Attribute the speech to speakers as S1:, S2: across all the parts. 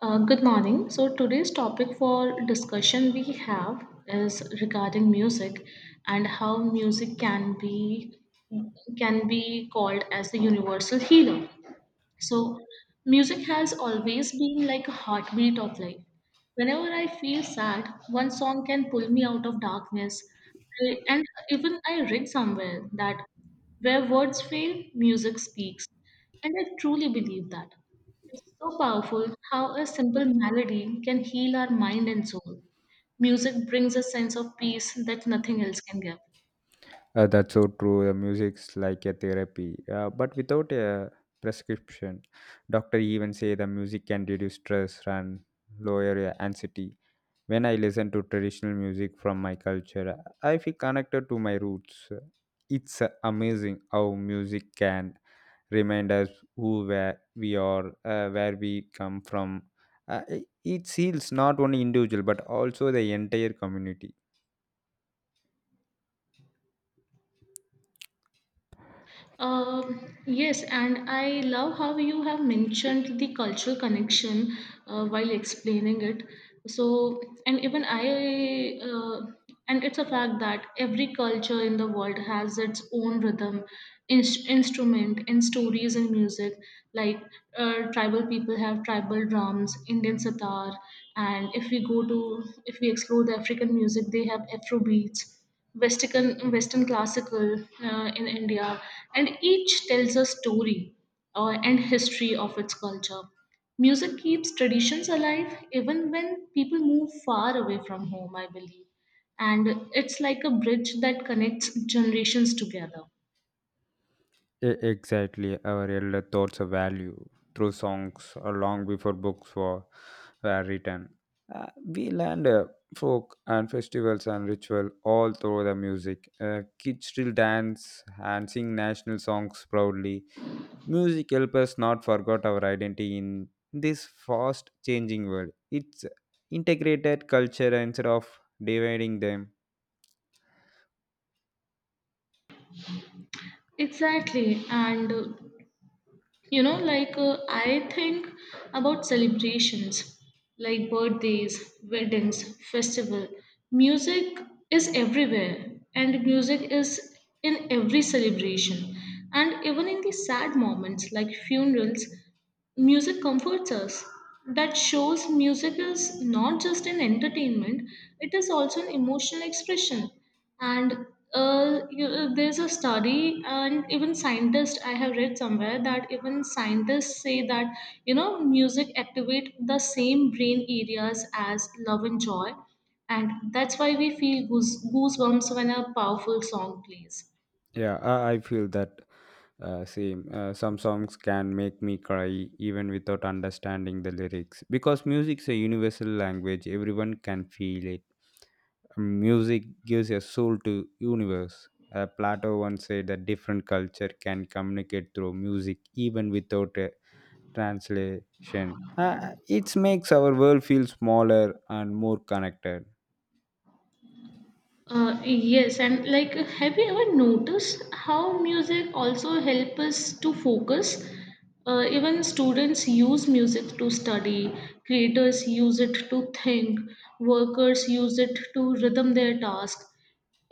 S1: Good morning. So today's topic for discussion we have is regarding music and how music can be called as the universal healer. So, music has always been like a heartbeat of life. Whenever I feel sad, one song can pull me out of darkness. And even I read somewhere that where words fail, music speaks. And I truly believe that. It's so powerful how a simple melody can heal our mind and soul. Music brings a sense of peace that nothing else can give.
S2: That's so true. The music's like a therapy, but without a prescription. Doctor even say the music can reduce stress and lower your anxiety. When I listen to traditional music from my culture, I feel connected to my roots. It's amazing how music can remind us who where we are, where we come from. It heals not only individual but also the entire community.
S1: Yes, and I love how you have mentioned the cultural connection while explaining it. So, and even I and it's a fact that every culture in the world has its own rhythm, instrument, and stories and music. Like tribal people have tribal drums, Indian sitar, and if we explore the African music, they have Afro beats. Western classical in India, and each tells a story and history of its culture. Music keeps traditions alive even when people move far away from home, I believe, and it's like a bridge that connects generations together.
S2: Exactly, our elder thoughts of value through songs long before books were written. We learned folk and festivals and ritual all through the music. Kids still dance and sing national songs proudly. Music helps us not forget our identity in this fast changing world. It's integrated culture instead of dividing them.
S1: Exactly. And I think about celebrations like birthdays, weddings, festival. Music is everywhere, and music is in every celebration, and even in the sad moments like funerals, music comforts us. That shows music is not just an entertainment, it is also an emotional expression. And there's a study, and even scientists, I have read somewhere that even scientists say that, you know, music activate the same brain areas as love and joy. And that's why we feel goosebumps when a powerful song plays.
S2: Yeah, I feel that same. Some songs can make me cry even without understanding the lyrics because music's a universal language. Everyone can feel it. Music gives a soul to universe. Plato once said that different culture can communicate through music even without a translation. It makes our world feel smaller and more connected.
S1: Yes, and like, have you ever noticed how music also help us to focus? Even students use music to study, creators use it to think, workers use it to rhythm their task.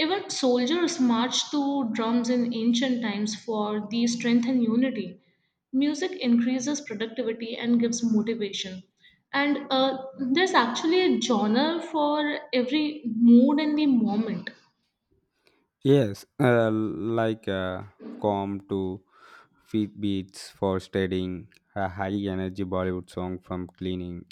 S1: Even soldiers marched to drums in ancient times for the strength and unity. Music increases productivity and gives motivation. And there's actually a genre for every mood and the moment.
S2: Yes, like calm to Feet beats for studying, a high energy Bollywood song from cleaning.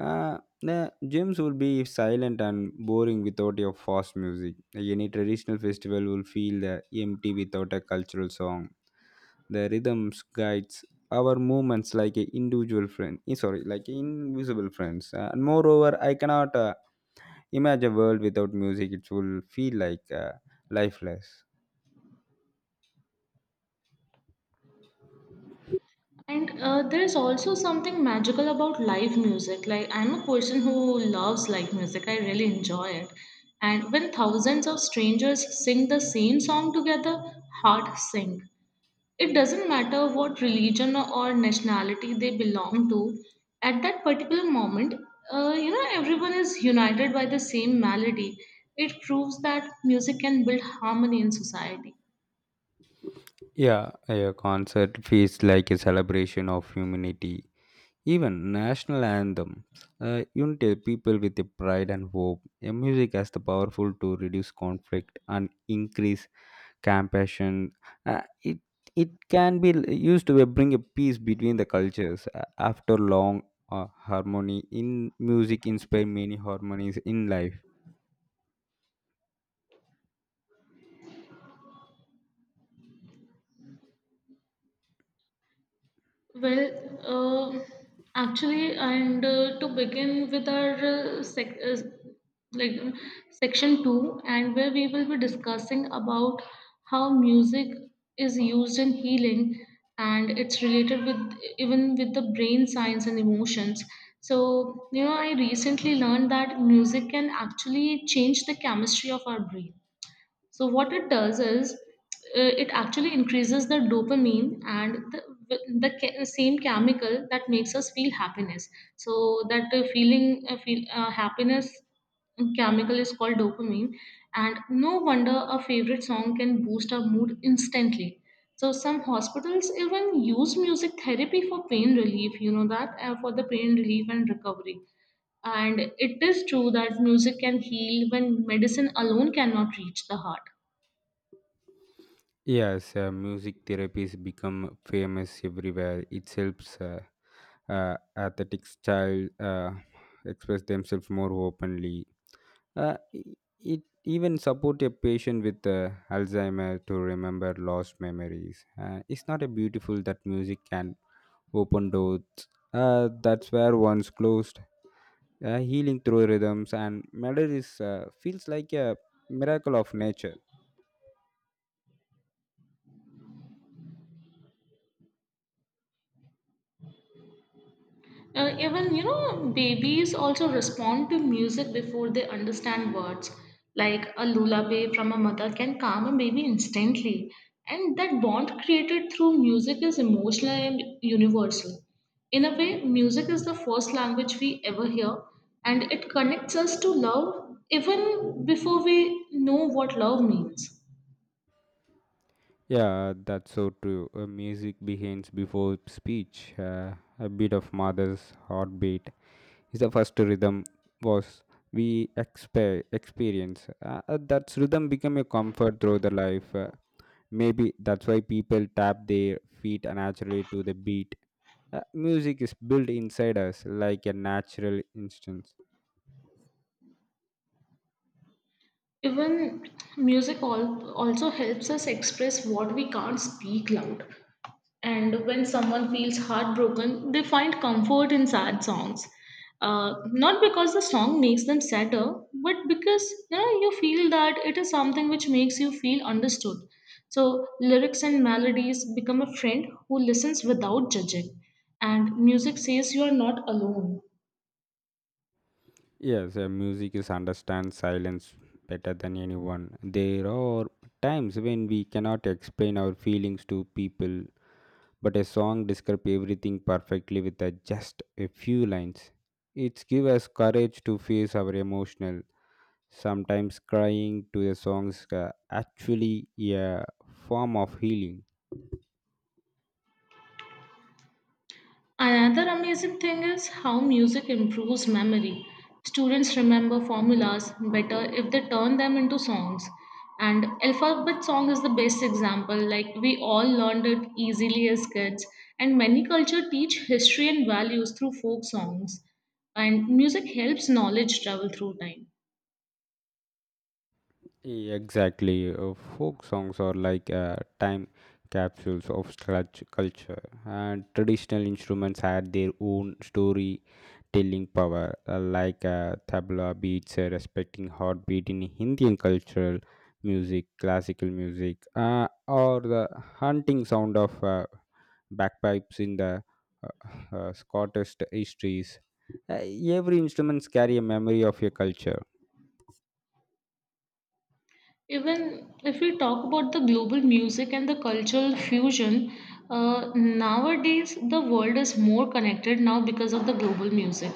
S2: The gyms will be silent and boring without your fast music. Any traditional festival will feel the empty without a cultural song. The rhythms guides our movements like a individual friend. Sorry, like invisible friends. And moreover, I cannot imagine a world without music. It will feel like lifeless.
S1: And there's also something magical about live music. Like, I'm a person who loves live music, I really enjoy it. And when thousands of strangers sing the same song together, hearts sing. It doesn't matter what religion or nationality they belong to. At that particular moment, everyone is united by the same melody. It proves that music can build harmony in society.
S2: Yeah, a concert feels like a celebration of humanity. Even national anthems unite people with a pride and hope. A music has the powerful to reduce conflict and increase compassion. Uh, it it can be used to bring a peace between the cultures. After long harmony in music, inspire many harmonies in life.
S1: Well, actually, and to begin with our sec- like Section two, and where we will be discussing about how music is used in healing, and it's related with even with the brain science and emotions. So, you know, I recently learned that music can actually change the chemistry of our brain. So what it does is it actually increases the dopamine and the same chemical that makes us feel happiness. So that feeling feel happiness chemical is called dopamine, and no wonder a favorite song can boost our mood instantly. So some hospitals even use music therapy for pain relief, you know that, for the pain relief and recovery. And it is true that music can heal when medicine alone cannot reach the heart.
S2: Yes, music therapies become famous everywhere. It helps athletic child express themselves more openly. It even support a patient with Alzheimer to remember lost memories. It's not a beautiful that music can open doors. That's where once closed. Healing through rhythms and melodies feels like a miracle of nature.
S1: Even you know, babies also respond to music before they understand words. Like a lullaby from a mother can calm a baby instantly, and that bond created through music is emotional and universal. In a way, music is the first language we ever hear, and it connects us to love even before we know what love means.
S2: Yeah, that's so true. Music begins before speech. A beat of mother's heartbeat is the first rhythm was we experience. That rhythm become a comfort through the life. Maybe that's why people tap their feet naturally to the beat. Music is built inside us like a natural instinct.
S1: Even music also helps us express what we can't speak loud. And when someone feels heartbroken, they find comfort in sad songs. Not because the song makes them sadder, but because you know you feel that it is something which makes you feel understood. So lyrics and melodies become a friend who listens without judging, and music says you are not alone.
S2: Yes, music is understand silence better than anyone. There are times when we cannot explain our feelings to people, but a song describes everything perfectly with a, just a few lines. It gives us courage to face our emotional. Sometimes crying to the songs actually a form of healing.
S1: Another amazing thing is how music improves memory. Students remember formulas better if they turn them into songs. And alphabet song is the best example. Like we all learned it easily as kids, and many cultures teach history and values through folk songs. And music helps knowledge travel through time.
S2: Yeah, exactly. Folk songs are like time capsules of such culture, and traditional instruments had their own story telling power, like tabla beats, respecting heartbeat in Indian cultural music, classical music, or the hunting sound of bagpipes in the Scottish histories. Uh, every instruments carry a memory of your culture.
S1: Even if we talk about the global music and the cultural fusion, nowadays the world is more connected now because of the global music.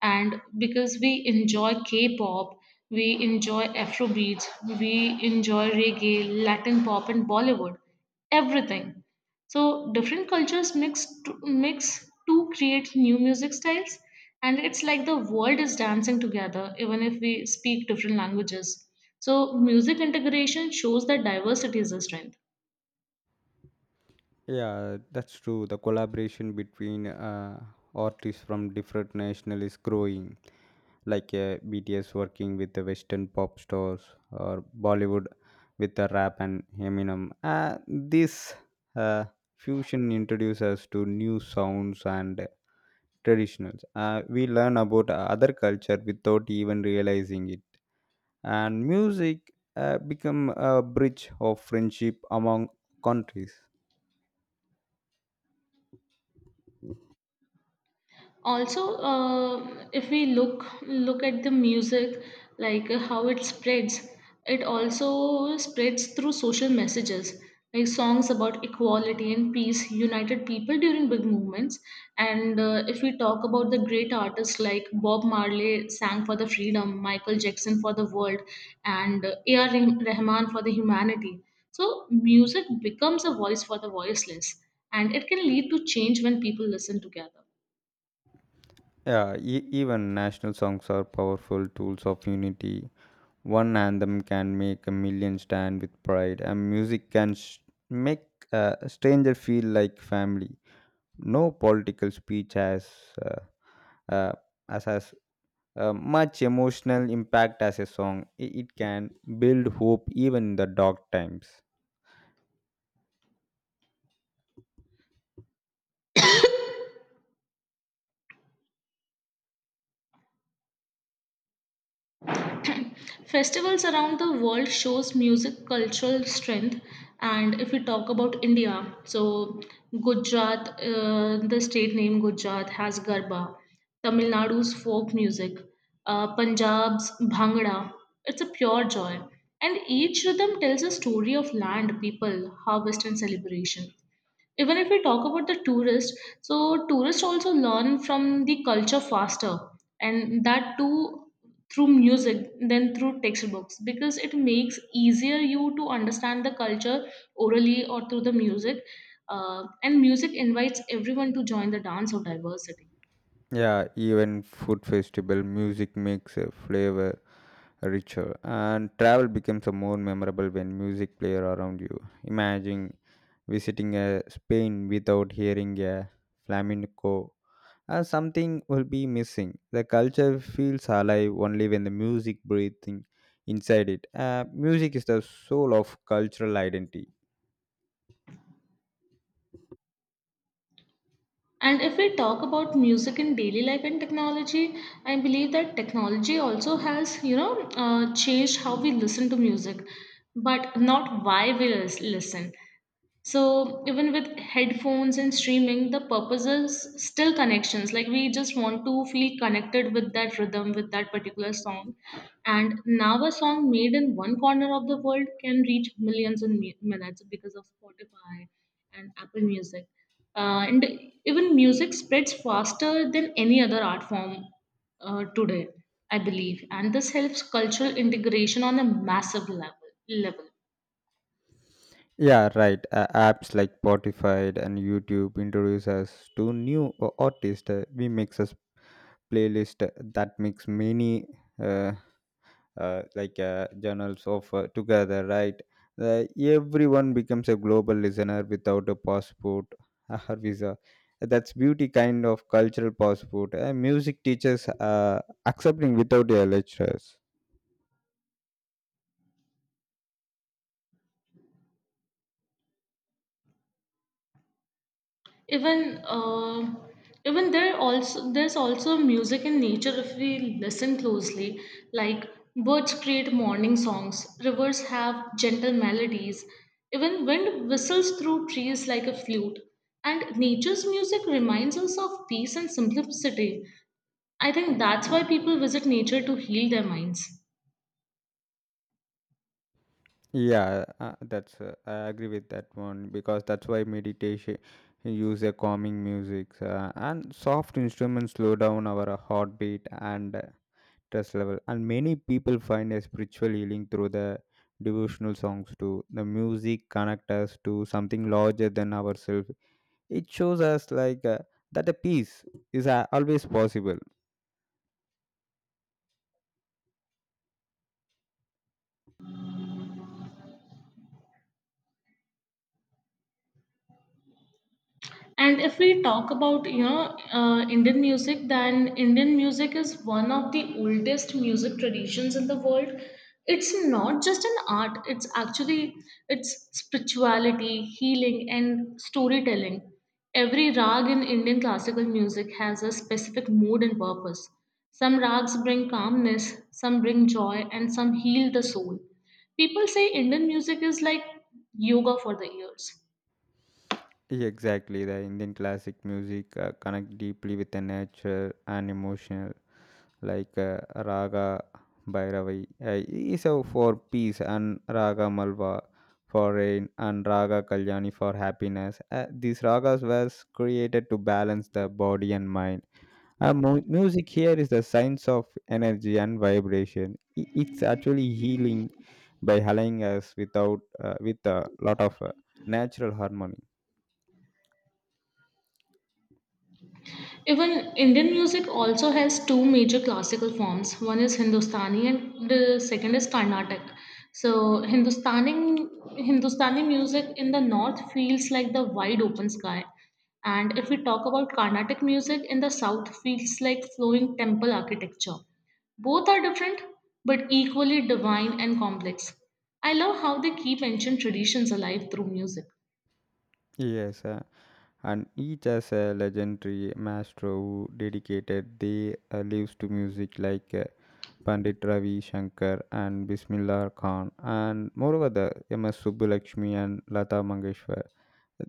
S1: And because we enjoy K pop, we enjoy Afro, we enjoy reggae, Latin pop, and Bollywood, everything. So different cultures mix to create new music styles, and it's like the world is dancing together even if we speak different languages. So music integration shows that diversity is a strength.
S2: Yeah, that's true. The collaboration between artists from different nations is growing, like BTS working with the Western pop stars or Bollywood with the rap and Eminem. This uh, fusion introduces us to new sounds and traditionals. We learn about other culture without even realizing it, and music become a bridge of friendship among countries.
S1: Also if we look at the music, like how it spreads, it also spreads through social messages, like songs about equality and peace united people during big movements. And if we talk about the great artists like Bob Marley sang for the freedom, Michael Jackson for the world, and ar Rahman for the humanity. So music becomes a voice for the voiceless, and it can lead to change when people listen together.
S2: Yeah, even national songs are powerful tools of unity. One anthem can make a million stand with pride, and music can make a stranger feel like family. No political speech has uh, uh, as has much emotional impact as a song. It can build hope even in the dark times.
S1: Festivals around the world shows music cultural strength. And if we talk about India, so Gujarat, the state name Gujarat has Garba, Tamil Nadu's folk music, Punjab's Bhangra. It's a pure joy. And each rhythm tells a story of land, people, harvest, and celebration. Even if we talk about the tourists, so tourists also learn from the culture faster, and that too through music than through textbooks, because it makes easier you to understand the culture orally or through the music. And music invites everyone to join the dance of diversity.
S2: Yeah, even food festival music makes a flavor richer, and travel becomes a more memorable when music play around you. Imagine visiting a Spain without hearing a flamenco, and something will be missing. The culture feels alive only when the music breathing inside it. Music is the soul of cultural identity.
S1: And if we talk about music in daily life and technology, I believe that technology also has, you know, changed how we listen to music, but not why we listen. So even with headphones and streaming, the purpose is still connections. Like we just want to feel connected with that rhythm, with that particular song. And now a song made in one corner of the world can reach millions in minutes because of Spotify and Apple Music. And even music spreads faster than any other art form today, I believe. And this helps cultural integration on a massive level.
S2: Yeah, right. Apps like Spotify and YouTube introduce us to new artists. We mix playlist that mix many uh, like journals of together, right. Everyone becomes a global listener without a passport or visa. That's beauty kind of cultural passport. Music teachers accepting without their lectures.
S1: even uh, even there also there's also music in nature if we listen closely, like birds create morning songs, rivers have gentle melodies, even wind whistles through trees like a flute. And nature's music reminds us of peace and simplicity. I think that's why people visit nature to heal their minds.
S2: Yeah, that's I agree with that one because that's why meditation use a calming music, and soft instruments slow down our heartbeat and stress level, and many people find a spiritual healing through the devotional songs too. The music connect us to something larger than ourselves. It shows us like that the peace is always possible.
S1: And if we talk about Indian music, then Indian music is one of the oldest music traditions in the world. It's not just an art; it's actually it's spirituality, healing, and storytelling. Every rag in Indian classical music has a specific mood and purpose. Some rags bring calmness, some bring joy, and some heal the soul. People say Indian music is like yoga for the ears.
S2: Yeah, exactly. The indian classic music connect deeply with the nature and emotion, like Raga Bhairavi is a for peace, and Raga Malva for rain, and Raga Kalyani for happiness. These ragas were created to balance the body and mind. Music here is the science of energy and vibration. It's actually healing by aligning us without with a lot of natural harmony.
S1: Even Indian music also has two major classical forms. One is Hindustani and the second is Carnatic. So Hindustani music in the north feels like the wide open sky. And if we talk about Carnatic music in the south feels like flowing temple architecture. Both are different, but equally divine and complex. I love how they keep ancient traditions alive through music.
S2: Yes, and each has a legendary maestro who dedicated their lives to music, like Pandit Ravi Shankar and Bismillah Khan, and moreover the MS Subbulakshmi and Lata Mangeshwar.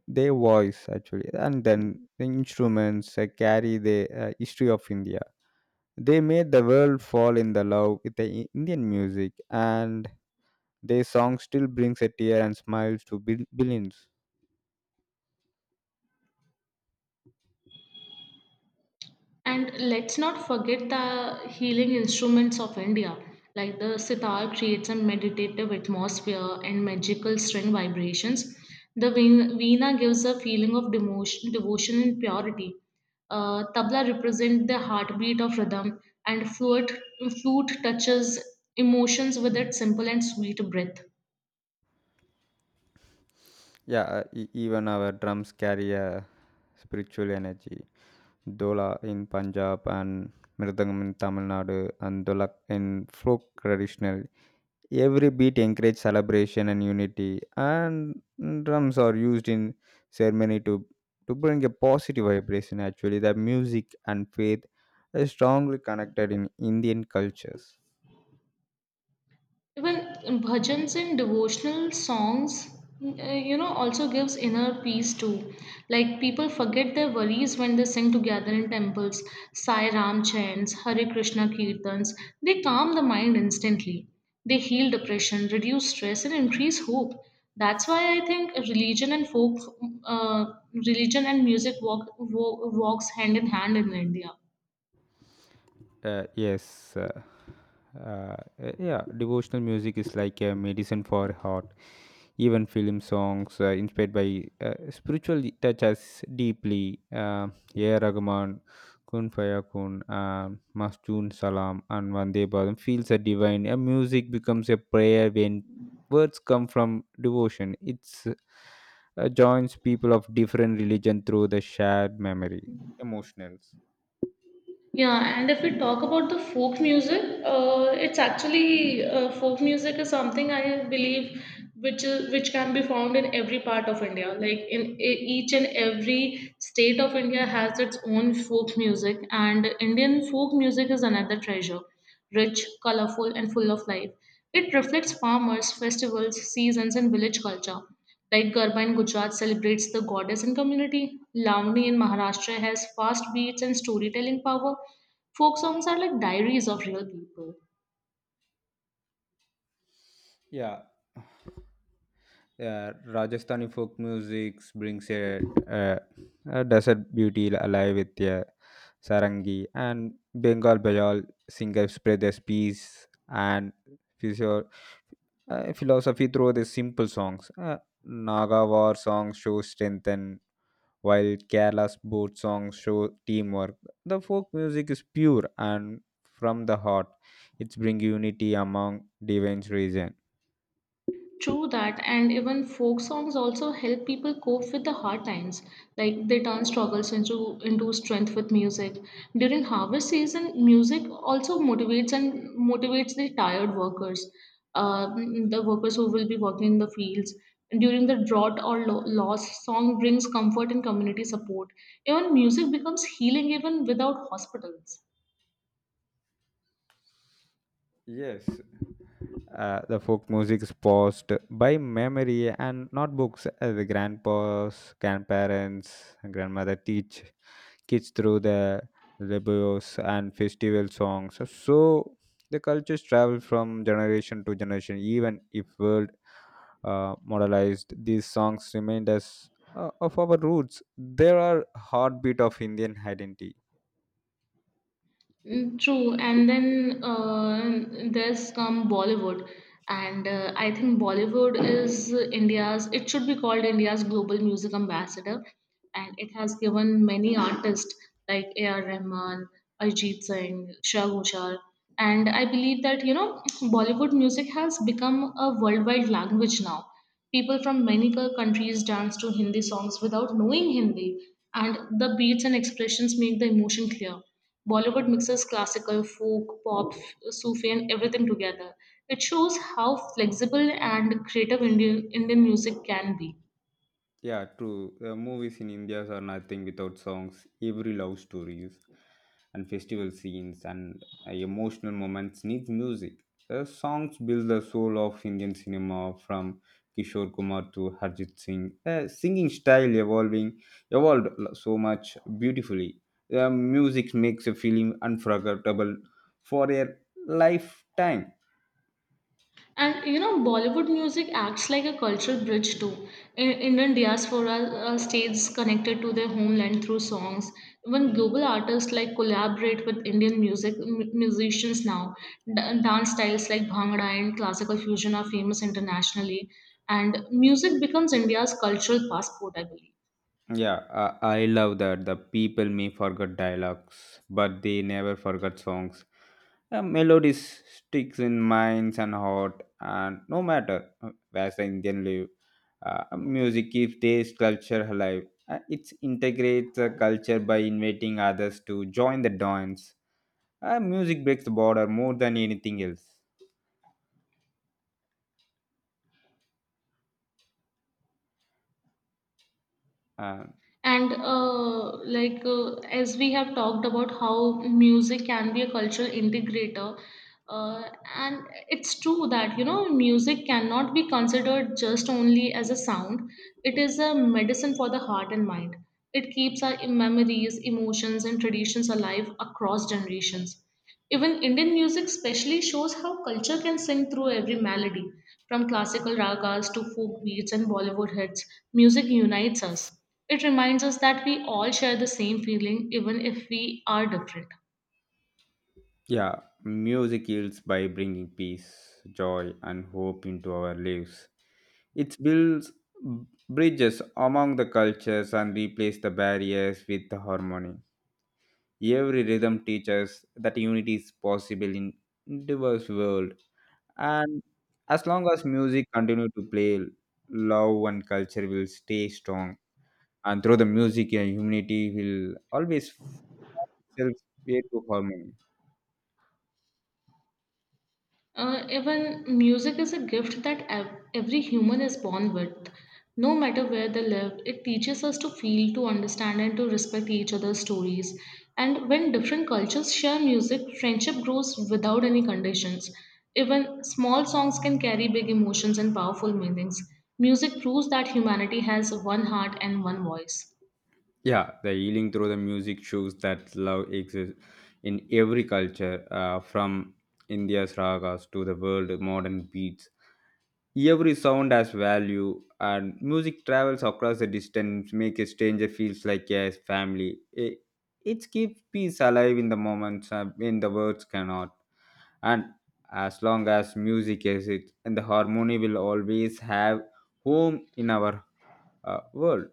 S2: Their voice actually, and then the instruments carry the history of India. They made the world fall in the love with the Indian music, and their song still brings a tear and smiles to billions.
S1: And let's not forget the healing instruments of India, like the sitar creates a meditative atmosphere and magical string vibrations. The veena gives a feeling of demotion, devotion and purity. Tabla represents the heartbeat of rhythm, and flute touches emotions with its simple and sweet breath.
S2: Yeah, even our drums carry a spiritual energy. Dola in Punjab and Mridangam in Tamil Nadu and Dolak in folk traditional. Every beat encourages celebration and unity, and drums are used in ceremony to bring a positive vibration. Actually, the music and faith are strongly connected in Indian cultures.
S1: Even bhajans and devotional songs, also gives inner peace too. Like people forget their worries when they sing together in temples, Sai Ram chants, Hare Krishna kirtans. They calm the mind instantly. They heal depression, reduce stress, and increase hope. That's why I think uh, religion and music walks hand in hand in India.
S2: Uh, yes, uh, uh, yeah, devotional music is like a medicine for heart. Even film songs inspired by spiritual touch us deeply. A. Rahman, Kun Fayakun, Masjun Salam, and Vande Bharam feels a divine. A music becomes a prayer when words come from devotion. It's joins people of different religion through the shared memory, emotionals.
S1: Yeah, and if we talk about the folk music, it's actually folk music is something I believe which can be found in every part of India. Like in each and every state of India has its own folk music, and Indian folk music is another treasure, rich, colorful, and full of life. It reflects farmers, festivals, seasons, and village culture. Like Garba in Gujarat celebrates the goddess and community. Lavani in Maharashtra has fast beats and storytelling power. Folk songs are like diaries of real people.
S2: Yeah, yeah. Rajasthani folk music brings a, a desert beauty alive with a sarangi, and Bengal Bajal singers spread their peace and physio, philosophy through their simple songs. Naga war songs show strength and while Kerala's boat songs show teamwork, the folk music is pure and from the heart. It's bring unity among divine region.
S1: True that, and even folk songs also help people cope with the hard times. Like they turn struggles into strength with music. During harvest season, music also motivates and motivates the tired workers, uh, the workers who will be working in the fields. During the drought or loss, song brings comfort and community support. Even music becomes healing even without hospitals.
S2: Yes, the folk music is passed by memory and not books. The grandparents and grandmother teach kids through the rebels and festival songs. So the cultures travel from generation to generation, even if world modernized. These songs remind us of our roots. They are heartbeat of Indian identity.
S1: Mm, true, and then there's come Bollywood, and I think Bollywood is India's. It should be called India's global music ambassador, and it has given many artists like A.R. Rahman, Ajit Singh, Shah Ghoshal, and I believe that Bollywood music has become a worldwide language now. People from many countries dance to Hindi songs without knowing Hindi, and the beats and expressions make the emotion clear. Bollywood mixes classical, folk, pop, Sufi, and everything together. It shows how flexible and creative Indian music can be.
S2: Yeah, true. Movies in India are nothing without songs. Every love stories and festival scenes and emotional moments needs music. The songs build the soul of Indian cinema from Kishore Kumar to Harjit Singh. The singing style evolving evolved so much beautifully. The music makes a feeling unforgettable for a lifetime.
S1: And you know, Bollywood music acts like a cultural bridge too. Indian diaspora stays connected to their homeland through songs. Even global artists like collaborate with Indian music musicians now. D- Dance styles like Bhangra and classical fusion are famous internationally, and music becomes India's cultural passport, I believe.
S2: Yeah, I love that. The people may forget dialogues, but they never forget songs. Melodies sticks in minds and heart, and no matter where the Indian live, music keeps this culture alive. It integrates the culture by inviting others to join the dance. Music breaks the border more than anything else. Uh,
S1: And like as we have talked about how music can be a cultural integrator, uh, and it's true that music cannot be considered just only as a sound. It is a medicine for the heart and mind. It keeps our memories, emotions, and traditions alive across generations. Even Indian music specially shows how culture can sing through every melody. From classical ragas to folk beats and Bollywood hits, music unites us. It reminds us that we all share the same feeling even if we are different.
S2: Yeah, music heals by bringing peace, joy, and hope into our lives. It builds bridges among the cultures and replaces the barriers with the harmony. Every rhythm teaches that unity is possible in diverse world, and as long as music continue to play, love and culture will stay strong. And through the music, humanity will always find itself way to harmony.
S1: Even music is a gift that every human is born with. No matter where they live, it teaches us to feel, to understand, and to respect each other's stories. And when different cultures share music, friendship grows without any conditions. Even small songs can carry big emotions and powerful meanings. Music proves that humanity has one heart and one voice.
S2: Yeah, the healing through the music shows that love exists in every culture, from India's ragas to the world modern beats. Every sound has value, and music travels across the distance, make a stranger feels like yes, family. It keeps peace alive in the moments when the words cannot. And as long as music is it, and the harmony will always have home in our world.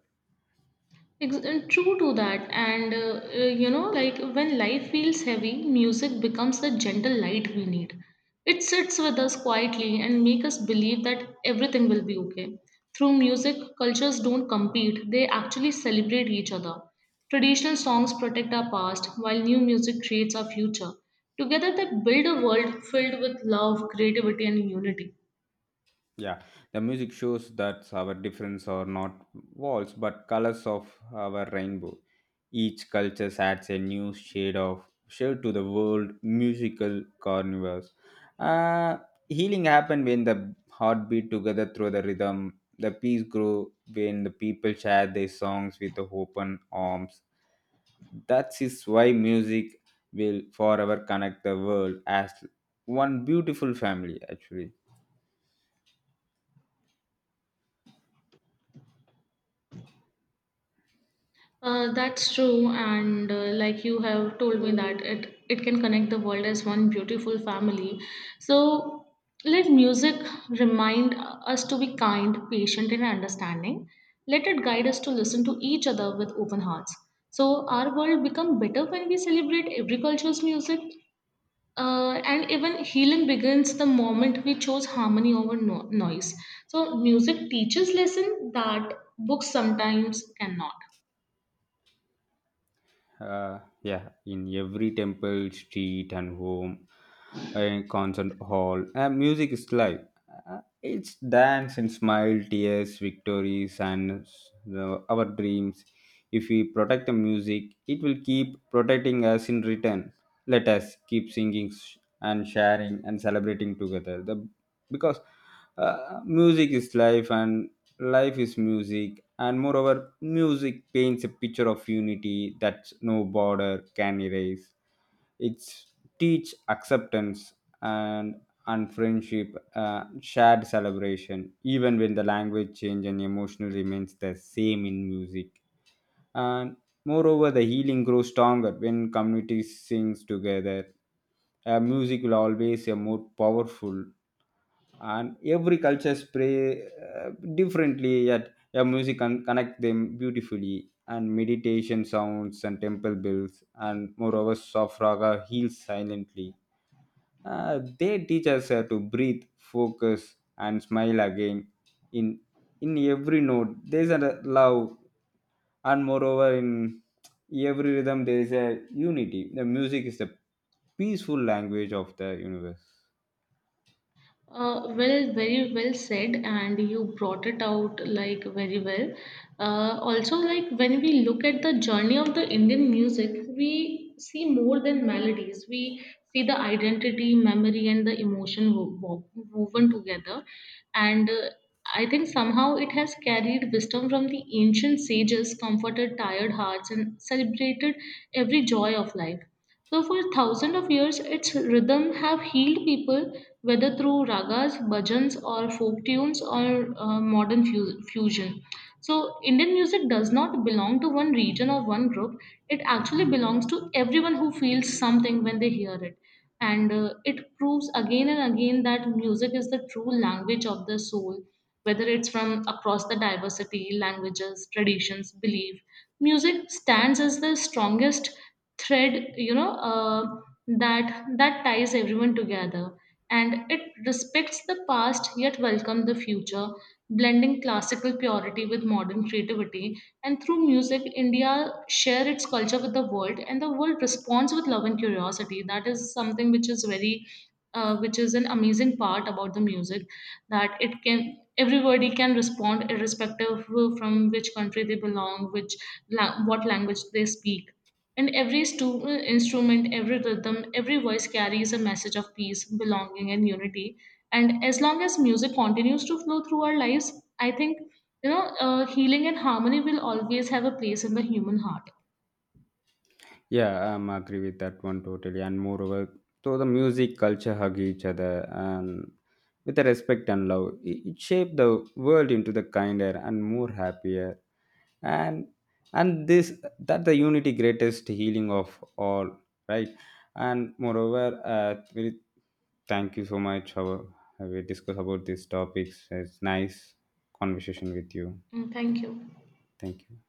S1: True to that, and like when life feels heavy, music becomes the gentle light we need. It sits with us quietly and make us believe that everything will be okay. Through music, cultures don't compete; they actually celebrate each other. Traditional songs protect our past, while new music creates our future. Together, they build a world filled with love, creativity, and unity.
S2: Yeah, the music shows that our difference are not walls but colors of our rainbow. Each culture adds a new shade to the world musical carnivores. Uh, Healing happen when the heartbeat together through the rhythm. The peace grow when the people share their songs with open arms. That is why music will forever connect the world as one beautiful family. Actually.
S1: That's true, and like you have told me that it can connect the world as one beautiful family. So let music remind us to be kind, patient, and understanding. Let it guide us to listen to each other with open hearts. So our world become better when we celebrate every culture's music. And even healing begins the moment we chose harmony over noise. So music teaches lesson that books sometimes cannot.
S2: Yeah, in every temple, street, and home, and concert hall, music is life. It's dance and smile, tears, victories, and the, our dreams. If we protect the music, it will keep protecting us in return. Let us keep singing and sharing and celebrating together. The because music is life, and life is music, and moreover music paints a picture of unity that no border can erase. It teach acceptance and and friendship, shared celebration even when the language change and emotion remains the same in music, and moreover, the healing grows stronger when community sings together. Music will always be more powerful, and every cultures pray differently, yet yeah, music can connect them beautifully, and meditation sounds and temple bells, and moreover soft raga heals silently. They teach us to breathe, focus, and smile again. In in every note there's a love, and moreover in every rhythm there is a unity. The music is the peaceful language of the universe.
S1: Well, very well said, and you brought it out like very well. Also, like when we look at the journey of the Indian music, we see more than melodies. We see the identity, memory, and the emotion woven together. And I think somehow it has carried wisdom from the ancient sages, comforted tired hearts, and celebrated every joy of life. So for thousands of years, its rhythm have healed people, whether through ragas, bhajans, or folk tunes, or modern fusion. So, Indian music does not belong to one region or one group. It actually belongs to everyone who feels something when they hear it. And it proves again and again that music is the true language of the soul, whether it's from across the diversity, languages, traditions, belief. Music stands as the strongest thread that ties everyone together, and it respects the past yet welcomes the future, blending classical purity with modern creativity. And through music, India share its culture with the world, and the world responds with love and curiosity. That is something which is very which is an amazing part about the music, that it can everybody can respond irrespective of from which country they belong, which what language they speak. And every instrument, every rhythm, every voice carries a message of peace, belonging, and unity. And as long as music continues to flow through our lives, I think healing and harmony will always have a place in the human heart.
S2: Yeah, I'm agree with that one totally. And moreover, so the music culture hug each other and with the respect and love. It shaped the world into the kinder and more happier. And and this that the unity greatest healing of all, right? And moreover, very thank you so much. How we discuss about these topics. It's nice conversation with you.
S1: Mm, thank you.
S2: Thank you.